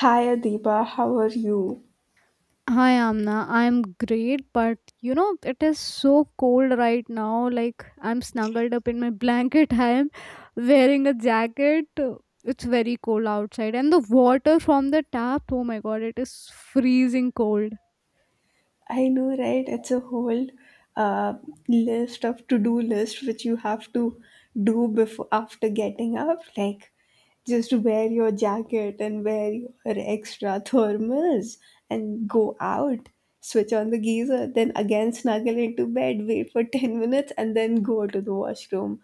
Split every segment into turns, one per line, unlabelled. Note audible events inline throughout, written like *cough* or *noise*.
Hi Adiba, how are you?
Hi Amna, I'm great, but you know it is so cold right now. Like I'm snuggled up in my *laughs* blanket. I am wearing a jacket. It's very cold outside, and the water from the tap. Oh my god, it is freezing cold.
I know, right? It's a whole uh, list of to-do list which you have to do before after getting up. Like, just wear your jacket and wear your extra thermals and go out. Switch on the geyser, then again snuggle into bed, wait for 10 minutes, and then go to the washroom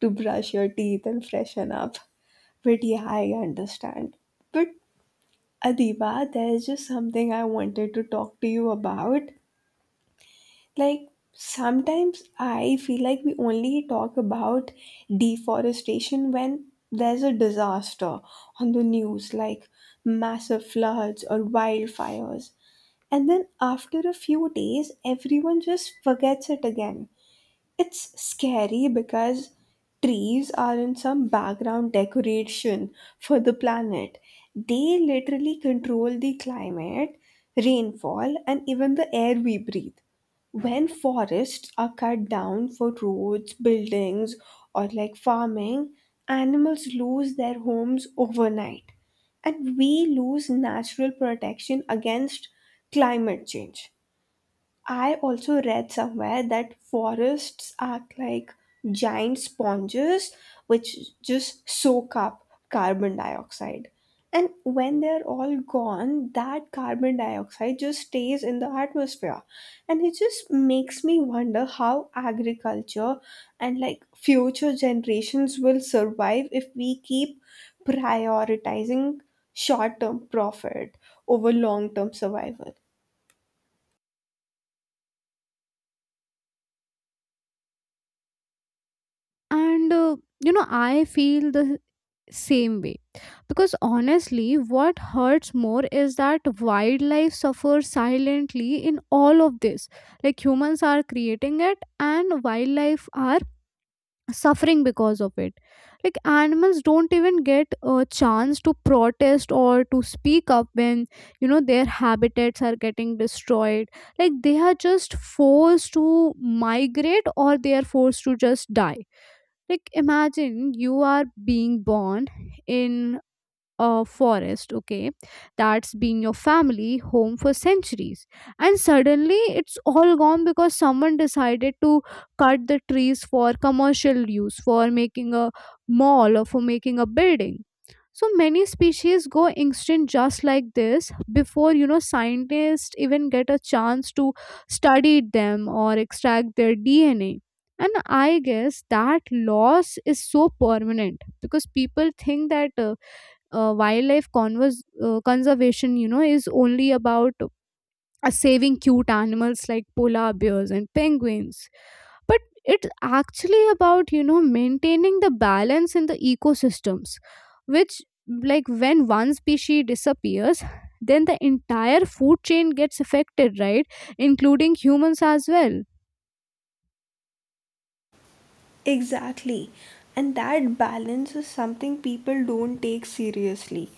to brush your teeth and freshen up. But yeah, I understand. But Adiba, there's just something I wanted to talk to you about. Like, sometimes I feel like we only talk about deforestation when there's a disaster on the news, like massive floods or wildfires. And then after a few days, everyone just forgets it again. It's scary because trees aren't some background decoration for the planet. They literally control the climate, rainfall, and even the air we breathe. When forests are cut down for roads, buildings, or like farming, animals lose their homes overnight. And we lose natural protection against climate change. I also read somewhere that forests are like giant sponges which just soak up carbon dioxide. And when they're all gone, that carbon dioxide just stays in the atmosphere. And it just makes me wonder how agriculture and like future generations will survive if we keep prioritizing short term profit over long term survival.
And You know I feel the same way because honestly, what hurts more is that wildlife suffers silently in all of this. Like humans are creating it, and wildlife are suffering because of it. Like animals don't even get a chance to protest or to speak up when you know their habitats are getting destroyed. Like they are just forced to migrate or they are forced to just die. Like imagine you are being born in a forest, okay, that's been your family home for centuries, and suddenly it's all gone because someone decided to cut the trees for commercial use, for making a mall or for making a building. So many species go extinct just like this before you know scientists even get a chance to study them or extract their DNA. And I guess that loss is so permanent because people think that wildlife conservation, you know, is only about saving cute animals like polar bears and penguins, but it's actually about, you know, maintaining the balance in the ecosystems, which, like, when one species disappears, then the entire food chain gets affected, right? Including humans as well.
Exactly. And that balance is something people don't take seriously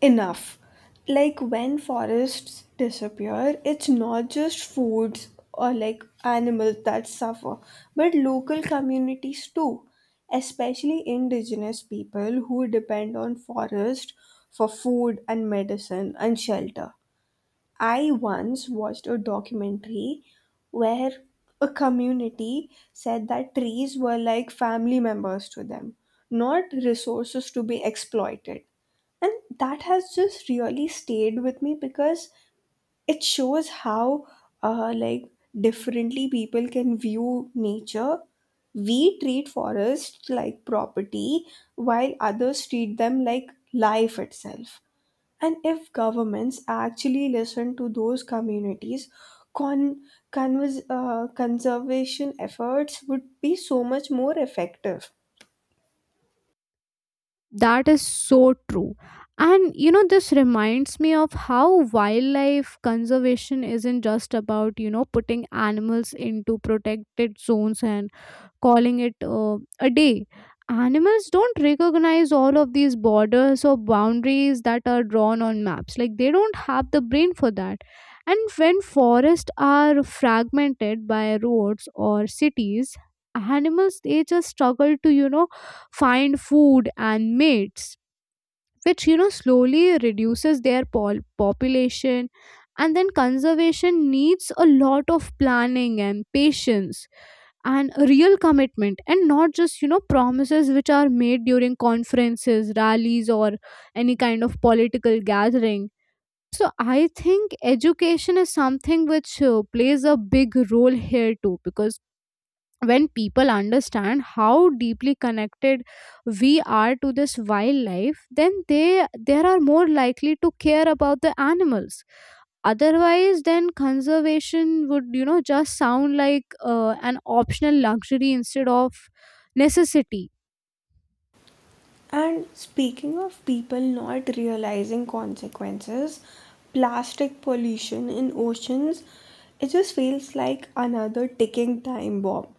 enough. Like when forests disappear, it's not just foods or like animals that suffer, but local communities too, especially indigenous people who depend on forest for food and medicine and shelter. I once watched a documentary where a community said that trees were like family members to them, not resources to be exploited. And that has just really stayed with me because it shows how like differently people can view nature. We treat forests like property while others treat them like life itself. And if governments actually listen to those communities, con- conservation efforts would be so much more effective.
That is so true. And you know, this reminds me of how wildlife conservation isn't just about, you know, putting animals into protected zones and calling it a day. Animals don't recognize all of these borders or boundaries that are drawn on maps. Like they don't have the brain for that. And when forests are fragmented by roads or cities, animals they just struggle to, you know, find food and mates, which you know slowly reduces their population. And then conservation needs a lot of planning and patience and a real commitment and not just you know promises which are made during conferences, rallies, or any kind of political gathering. So I think education is something which plays a big role here too, because when people understand how deeply connected we are to this wildlife, then they are more likely to care about the animals. Otherwise, then conservation would you know just sound like an optional luxury instead of necessity.
And speaking of people not realizing consequences, plastic pollution in oceans, it just feels like another ticking time bomb.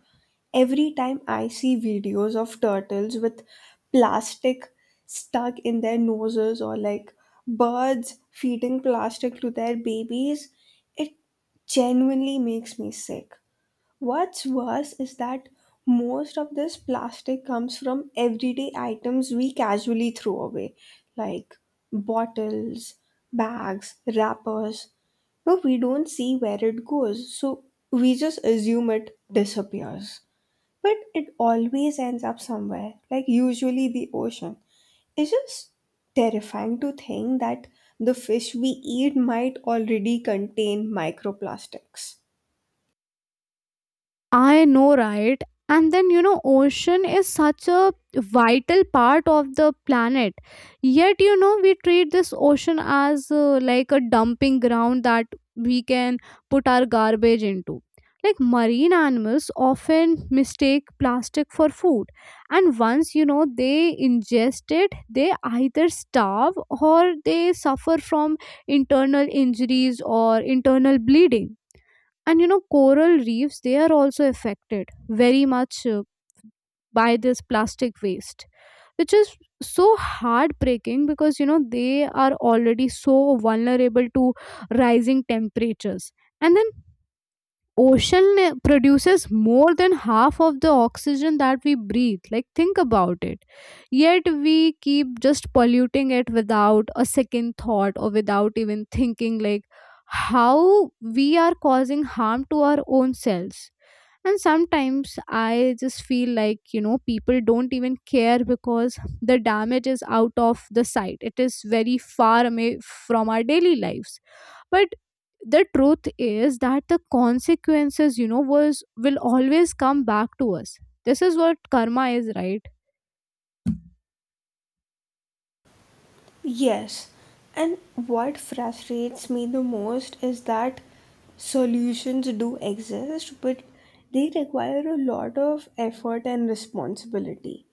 Every time I see videos of turtles with plastic stuck in their noses or like birds feeding plastic to their babies, it genuinely makes me sick. What's worse is that most of this plastic comes from everyday items we casually throw away, like bottles, bags, wrappers. But we don't see where it goes, so we just assume it disappears. But it always ends up somewhere, like usually the ocean. It's just terrifying to think that the fish we eat might already contain microplastics.
I know, right? And then, you know, ocean is such a vital part of the planet. Yet, you know, we treat this ocean as like a dumping ground that we can put our garbage into. Like marine animals often mistake plastic for food. And once, you know, they ingest it, they either starve or they suffer from internal injuries or internal bleeding. And you know coral reefs, they are also affected very much by this plastic waste, which is so heartbreaking because you know they are already so vulnerable to rising temperatures. And then ocean produces more than half of the oxygen that we breathe. Like think about it. Yet we keep just polluting it without a second thought or without even thinking like how we are causing harm to our own selves. And sometimes I just feel like you know people don't even care because the damage is out of the sight, it is very far away from our daily lives. But the truth is that the consequences, you know, was will always come back to us. This is what karma is, right?
Yes, and what frustrates me the most is that solutions do exist, but they require a lot of effort and responsibility.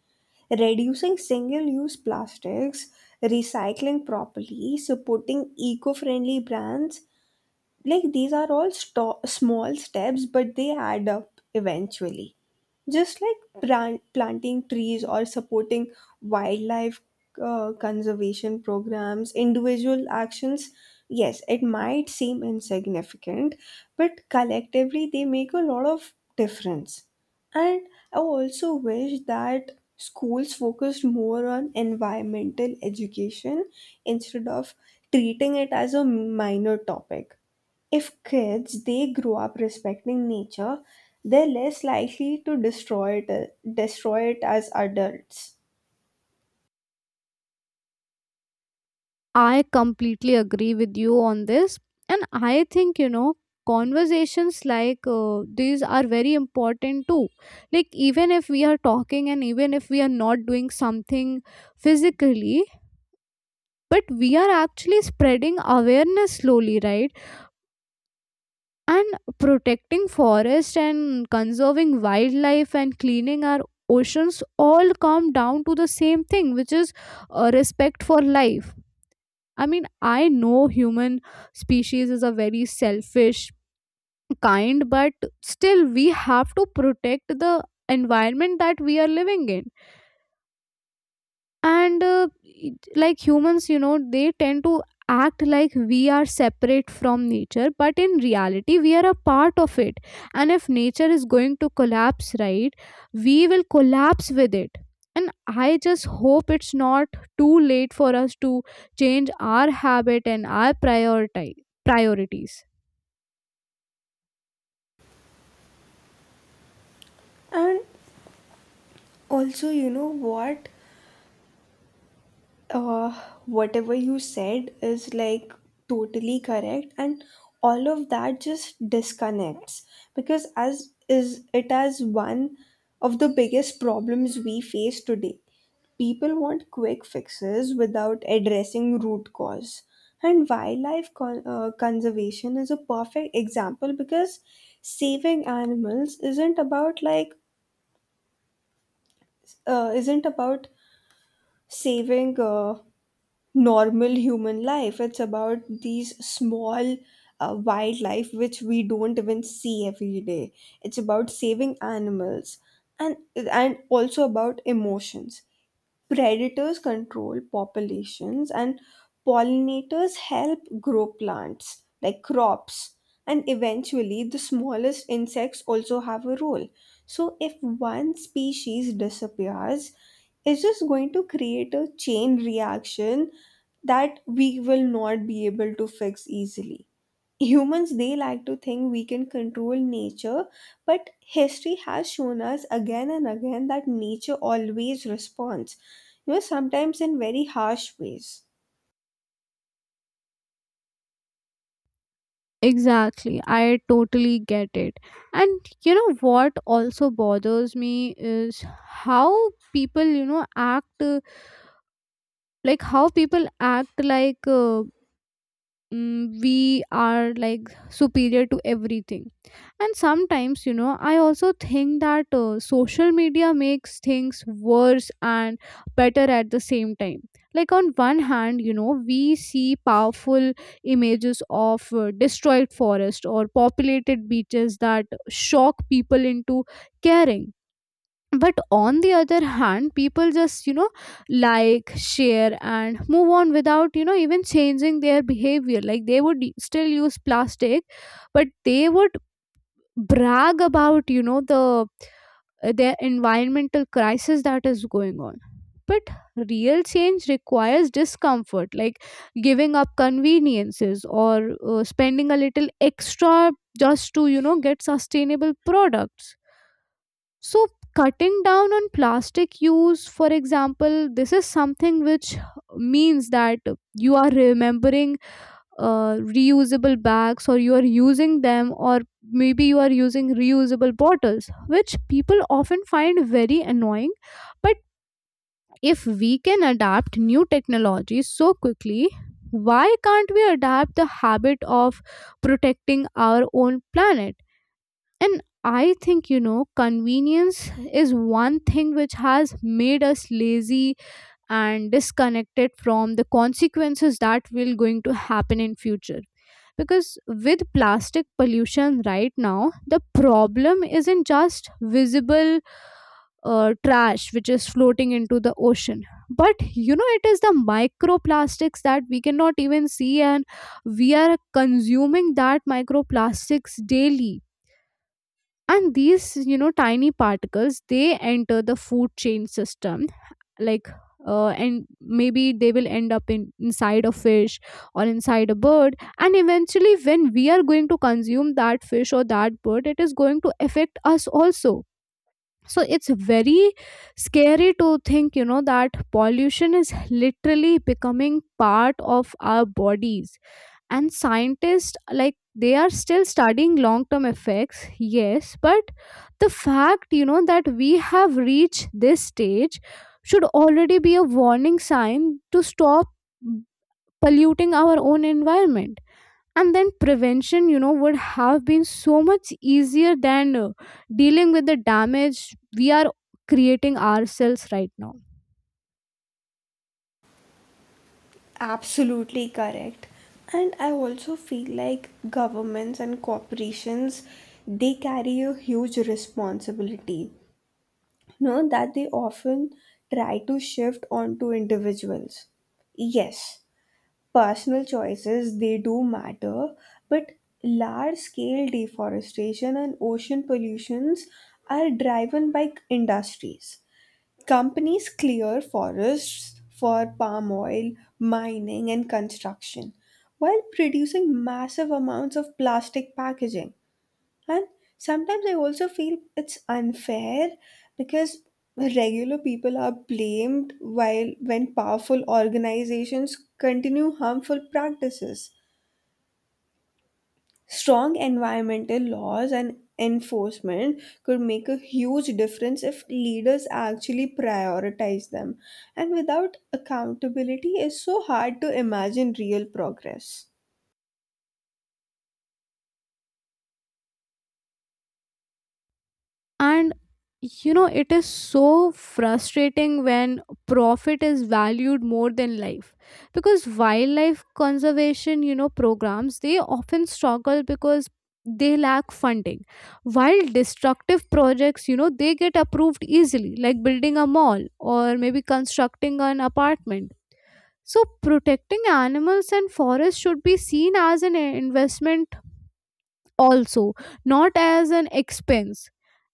Reducing single use plastics, recycling properly, supporting eco friendly brands, like these are all small steps, but they add up eventually. Just like planting trees or supporting wildlife conservation programs, individual actions, yes, it might seem insignificant, but collectively they make a lot of difference. And I also wish that schools focused more on environmental education instead of treating it as a minor topic. If kids they grow up respecting nature, they're less likely to destroy it as adults.
I completely agree with you on this. And I think, you know, conversations like these are very important too. Like, even if we are talking and even if we are not doing something physically, but we are actually spreading awareness slowly, right? And protecting forest and conserving wildlife and cleaning our oceans all come down to the same thing, which is respect for life. I mean, I know human species is a very selfish kind, but still we have to protect the environment that we are living in. And like humans you know they tend to act like we are separate from nature, but in reality we are a part of it. And if nature is going to collapse, right, we will collapse with it. And I just hope it's not too late for us to change our habit and our priority priorities.
And also, you know what? uh, Whatever you said is like totally correct and all of that just disconnects because as is it as one of the biggest problems we face today people want quick fixes without addressing root cause and wildlife conservation is a perfect example because saving animals isn't about uh, isn't about saving normal human life. It's about these small wildlife which we don't even see every day. It's about saving animals and and also about emotions. Predators control populations and pollinators help grow plants like crops and eventually the smallest insects also have a role. So if one species disappears, it's just going to create a chain reaction that we will not be able to fix easily. Humans they like to think we can control nature, but history has shown us again and again that nature always responds, you know, sometimes in very harsh ways.
Exactly, I totally get it. And you know what also bothers me is how people you know act like how people act like we are like superior to everything. And sometimes you know I also think that social media makes things worse and better at the same time. Like on one hand you know we see powerful images of destroyed forest or populated beaches that shock people into caring. But on the other hand people just you know like share and move on without you know even changing their behavior. Like they would still use plastic, but they would brag about you know their environmental crisis that is going on. But real change requires discomfort, like giving up conveniences or spending a little extra just to you know get sustainable products. So, cutting down on plastic use, for example, this is something which means that you are remembering reusable bags or you are using them, or maybe you are using reusable bottles, which people often find very annoying. But if we can adapt new technologies so quickly, why can't we adapt the habit of protecting our own planet? And I think, you know, convenience is one thing which has made us lazy and disconnected from the consequences that will going to happen in future. Because with plastic pollution right now, the problem isn't just visible trash which is floating into the ocean. But you know, it is the microplastics that we cannot even see, and we are consuming that microplastics daily. And these you know tiny particles, they enter the food chain system like and maybe they will end up in inside a fish or inside a bird. And eventually when we are going to consume that fish or that bird, it is going to affect us also. So it's very scary to think you know that pollution is literally becoming part of our bodies. And scientists like they are still studying long term effects, yes, but the fact you know that we have reached this stage should already be a warning sign to stop polluting our own environment. And then prevention you know would have been so much easier than dealing with the damage we are creating ourselves right now.
Absolutely correct. And I also feel like governments and corporations, they carry a huge responsibility, you know, that they often try to shift onto individuals. Yes. Personal choices, they do matter, but large scale deforestation and ocean pollutions are driven by industries. Companies clear forests for palm oil, mining, and construction, while producing massive amounts of plastic packaging. And sometimes I also feel it's unfair because regular people are blamed while when powerful organizations continue harmful practices. Strong environmental laws and enforcement could make a huge difference if leaders actually prioritize them. And without accountability, it's so hard to imagine real progress.
And you know it is so frustrating when profit is valued more than life. Because wildlife conservation you know programs they often struggle because they lack funding, while destructive projects you know they get approved easily, like building a mall or maybe constructing an apartment. So protecting animals and forests should be seen as an investment also, not as an expense.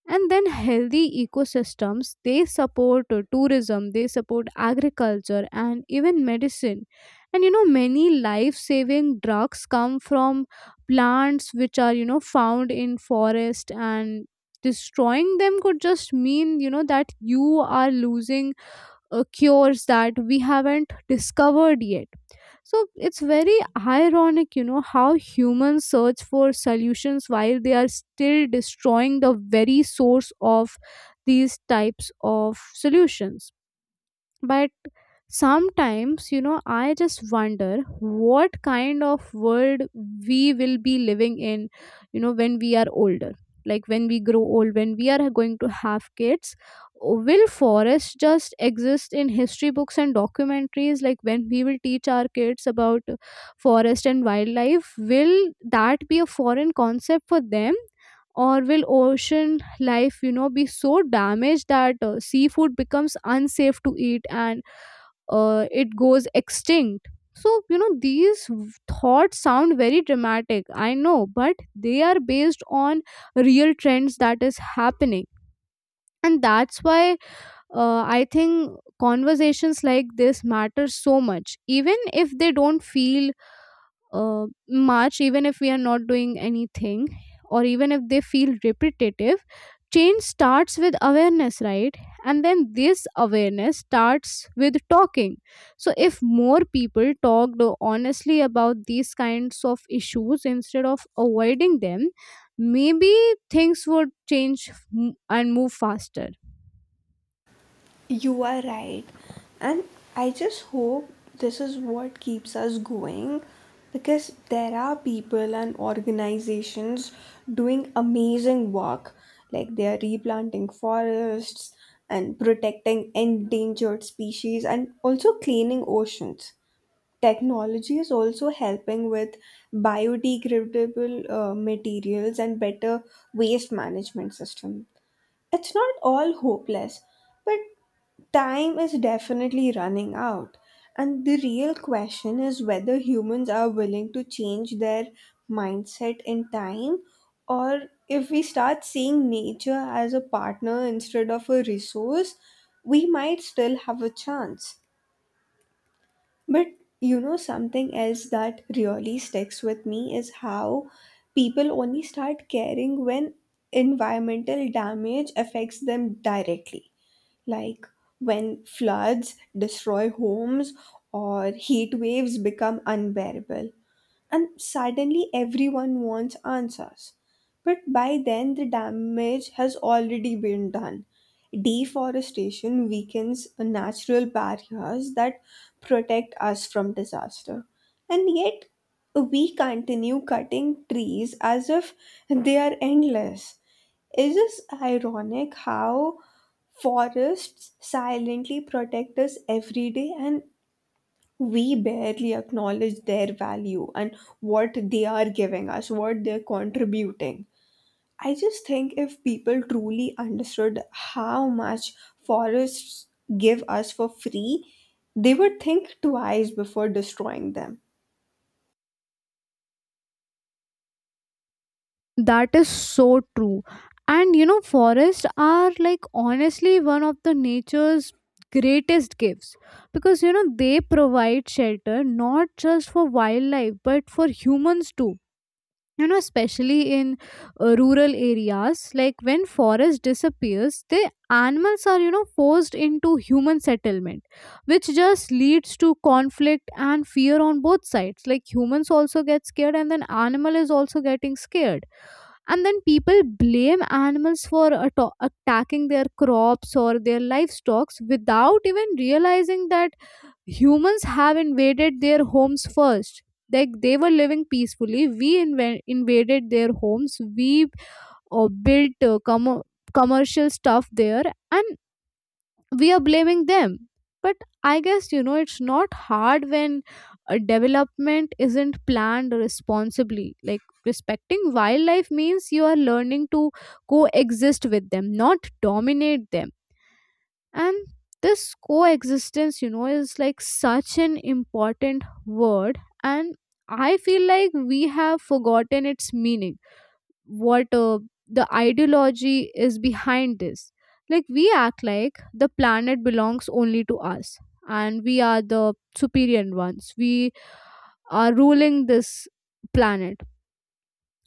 And then healthy ecosystems they support tourism, they support agriculture and even medicine. And you know many life saving drugs come from plants which are you know found in forest, and destroying them could just mean you know that you are losing cures that we haven't discovered yet. So it's very ironic, you know, how humans search for solutions while they are still destroying the very source of these types of solutions. But sometimes you know I just wonder what kind of world we will be living in, you know, when we are older, like when we grow old, when we are going to have kids. Will forests just exist in history books and documentaries? Like when we will teach our kids about forest and wildlife, will that be a foreign concept for them? Or will ocean life you know be so damaged that seafood becomes unsafe to eat and it goes extinct? So you know these thoughts sound very dramatic, I know, but they are based on real trends that is happening. And that's why I think conversations like this matter so much, even if they don't feel march even if we are not doing anything, or even if they feel repetitive. Change starts with awareness, right? And then this awareness starts with talking. So if more people talked honestly about these kinds of issues instead of avoiding them, maybe things would change and move faster.
You are right. And I just hope this is what keeps us going because there are people and organizations doing amazing work. Like they are replanting forests and protecting endangered species and also cleaning oceans. Technology is also helping with biodegradable materials and better waste management system. It's not all hopeless, but time is definitely running out. And the real question is whether humans are willing to change their mindset in time or if we start seeing nature as a partner instead of a resource, we might still have a chance. But you know, something else that really sticks with me is how people only start caring when environmental damage affects them directly, like when floods destroy homes or heat waves become unbearable and suddenly everyone wants answers. But by then, the damage has already been done. Deforestation weakens natural barriers that protect us from disaster. And yet, we continue cutting trees as if they are endless. Is this ironic how forests silently protect us every day and we barely acknowledge their value and what they are giving us, what they're contributing. I just think if people truly understood how much forests give us for free, they would think twice before destroying them.
That is so true. And you know, forests are like honestly one of the nature's greatest gifts, because you know they provide shelter not just for wildlife but for humans too. You know, especially in rural areas, like when forest disappears, the animals are you know forced into human settlement, which just leads to conflict and fear on both sides. Like humans also get scared, and then animal is also getting scared, and then people blame animals for attacking their crops or their livestock without even realizing that humans have invaded their homes first. Like they were living peacefully, invaded their homes. We built commercial stuff there, and we are blaming them. But I guess, you know, it's not hard when a development isn't planned responsibly. Like, respecting wildlife means you are learning to coexist with them, not dominate them. And this coexistence, you know, is like such an important word, and I feel like we have forgotten its meaning, what the ideology is behind this. Like, we act like the planet belongs only to us, and we are the superior ones. We are ruling this planet,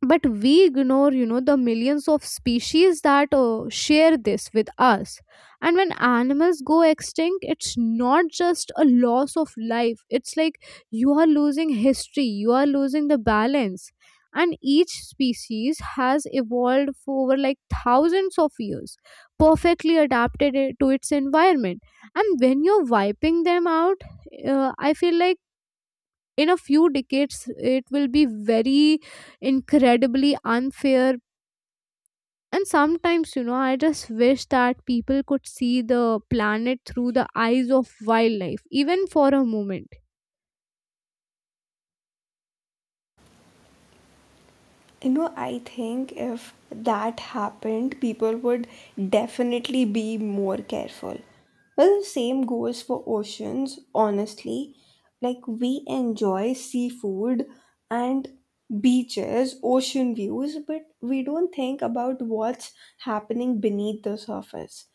but we ignore, you know, the millions of species that share this with us. And when animals go extinct, it's not just a loss of life. It's like you are losing history, you are losing the balance. And each species has evolved for over like thousands of years, perfectly adapted it to its environment. And when you're wiping them out, I feel like in a few decades it will be very incredibly unfair. And sometimes, you know, I just wish that people could see the planet through the eyes of wildlife even for a moment.
You know, I think if that happened, people would definitely be more careful. Well, the same goes for oceans, honestly. Like, we enjoy seafood and beaches, ocean views, but we don't think about what's happening beneath the surface.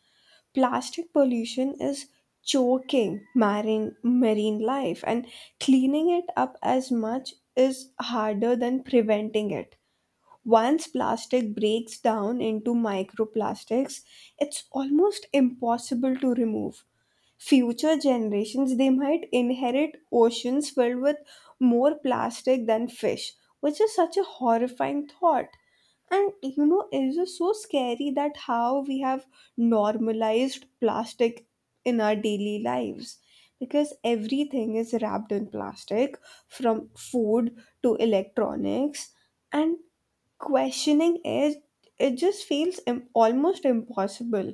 Plastic pollution is choking marine life, and cleaning it up as much is harder than preventing it once plastic breaks down into microplastics, it's almost impossible to remove. Future generations they might inherit oceans filled with more plastic than fish, which is such a horrifying thought. And you know, it is just so scary that how we have normalized plastic in our daily lives because everything is wrapped in plastic from food to electronics and questioning it, it just feels almost impossible.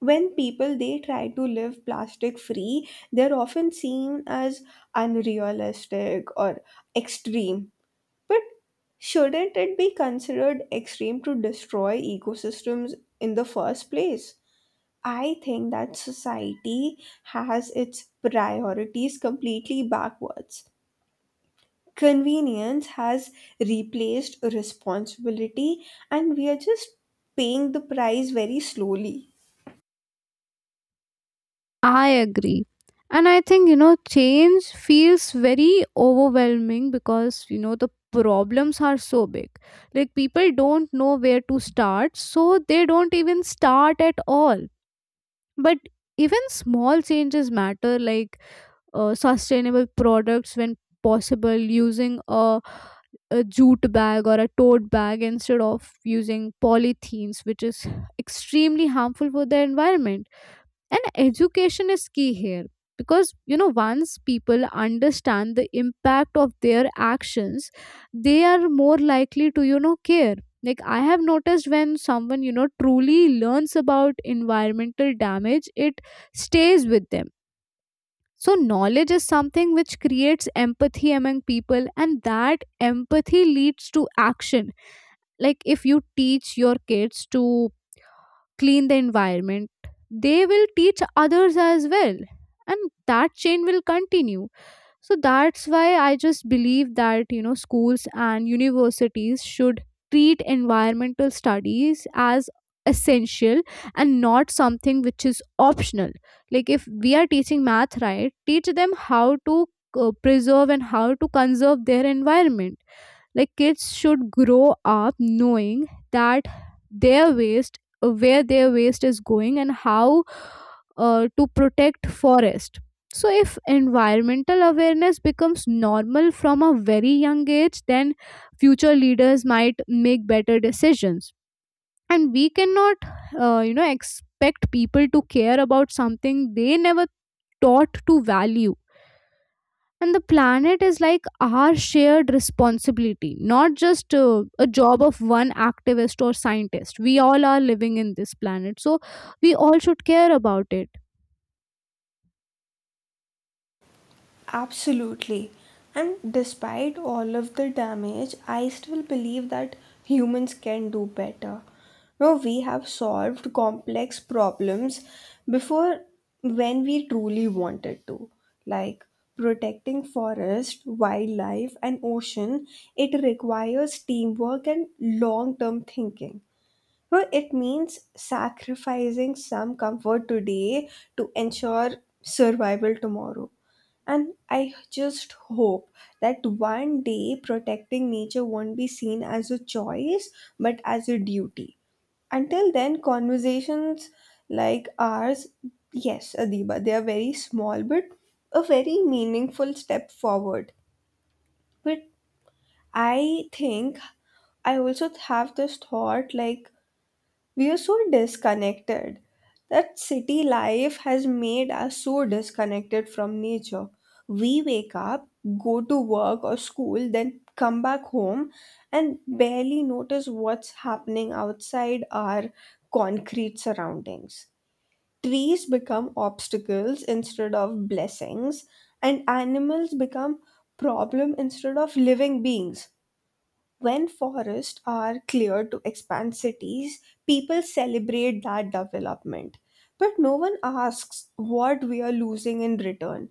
When people they try to live plastic free, they're often seen as unrealistic or extreme, but shouldn't it be considered extreme to destroy ecosystems in the first place? I think that society has its priorities completely backwards. Convenience has replaced responsibility, and we are just paying the price very slowly.
I agree. And I think, you know, change feels very overwhelming because, you know, the problems are so big. Like, people don't know where to start, so they don't even start at all. But even small changes matter, like sustainable products when possible, using a jute bag or a tote bag instead of using polythenes, which is extremely harmful for the environment. And education is key here, because, you know, once people understand the impact of their actions, they are more likely to, you know, care. Like, I have noticed when someone, you know, truly learns about environmental damage, it stays with them. So knowledge is something which creates empathy among people, and that empathy leads to action. Like, if you teach your kids to clean the environment, they will teach others as well, and that chain will continue. So that's why I just believe that, you know, schools and universities should treat environmental studies as essential and not something which is optional. Like, if we are teaching math, right, teach them how to preserve and how to conserve their environment. Like, kids should grow up knowing that their waste, where their waste is going, and how to protect forest. So if environmental awareness becomes normal from a very young age, then future leaders might make better decisions. And we cannot, you know, expect people to care about something they never taught to value. And the planet is like our shared responsibility, not just a job of one activist or scientist. We all are living in this planet, so we all should care about it.
Absolutely. And despite all of the damage, I still believe that humans can do better. No, we have solved complex problems before when we truly wanted to. Like protecting forest, wildlife, and ocean, it requires teamwork and long term thinking. Well, it means sacrificing some comfort today to ensure survival tomorrow. And I just hope that one day protecting nature won't be seen as a choice but as a duty. Until then, conversations like ours, yes, Adiba, they are very small but a very meaningful step forward. But I think I also have this thought like we are so disconnected, that city life has made us so disconnected from nature. We wake up, go to work or school, then come back home and barely notice what's happening outside our concrete surroundings. Trees become obstacles instead of blessings and animals become problem instead of living beings. When forests are cleared to expand cities, people celebrate that development. But no one asks what we are losing in return.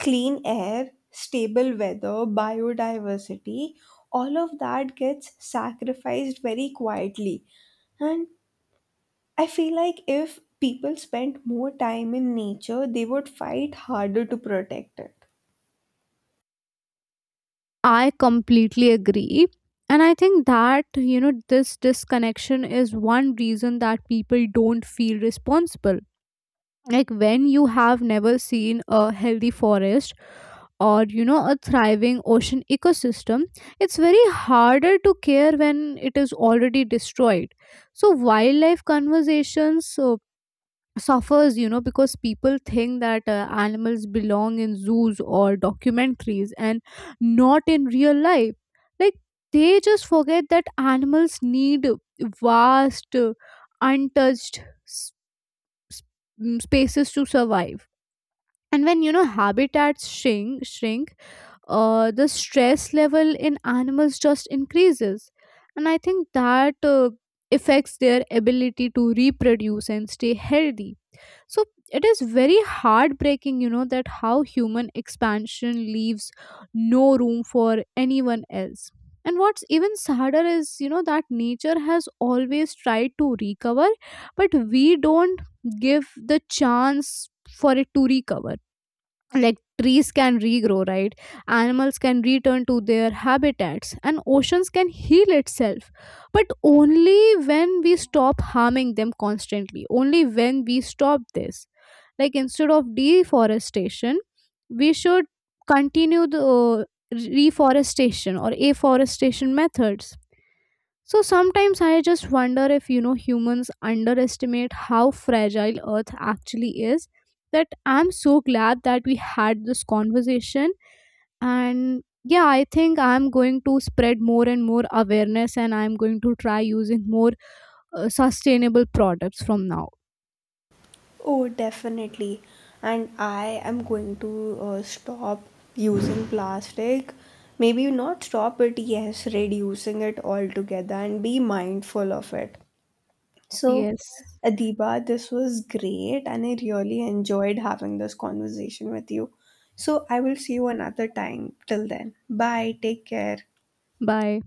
Clean air, stable weather, biodiversity, all of that gets sacrificed very quietly. And I feel like if people spent more time in nature, they would fight harder to protect it.
I completely agree. And I think that, you know, this disconnection is one reason that people don't feel responsible. Like, when you have never seen a healthy forest or, you know, a thriving ocean ecosystem, it's very harder to care when it is already destroyed. So wildlife conversations so suffers, you know, because people think that animals belong in zoos or documentaries and not in real life. Like, they just forget that animals need vast, untouched, s- s- spaces to survive. And when, you know, habitats shrink, the stress level in animals just increases. And I think that affects their ability to reproduce and stay healthy. So it is very heartbreaking, you know, that how human expansion leaves no room for anyone else. And what's even sadder is, you know, that nature has always tried to recover, but we don't give the chance for it to recover. Like, trees can regrow, right? Animals can return to their habitats, and oceans can heal itself. But only when we stop harming them constantly, only when we stop this. Like, instead of deforestation, we should continue the reforestation or afforestation methods. So sometimes I just wonder if, you know, humans underestimate how fragile earth actually is. That I'm so glad that we had this conversation. And yeah, I think I'm going to spread more and more awareness, and I'm going to try using more sustainable products from now.
Oh, definitely. And I am going to stop using plastic. Maybe not stop, but yes, reducing it altogether and be mindful of it. So,
Yes.
Adiba, this was great, and I really enjoyed having this conversation with you. So, I will see you another time. Till then, bye. Take care.
Bye.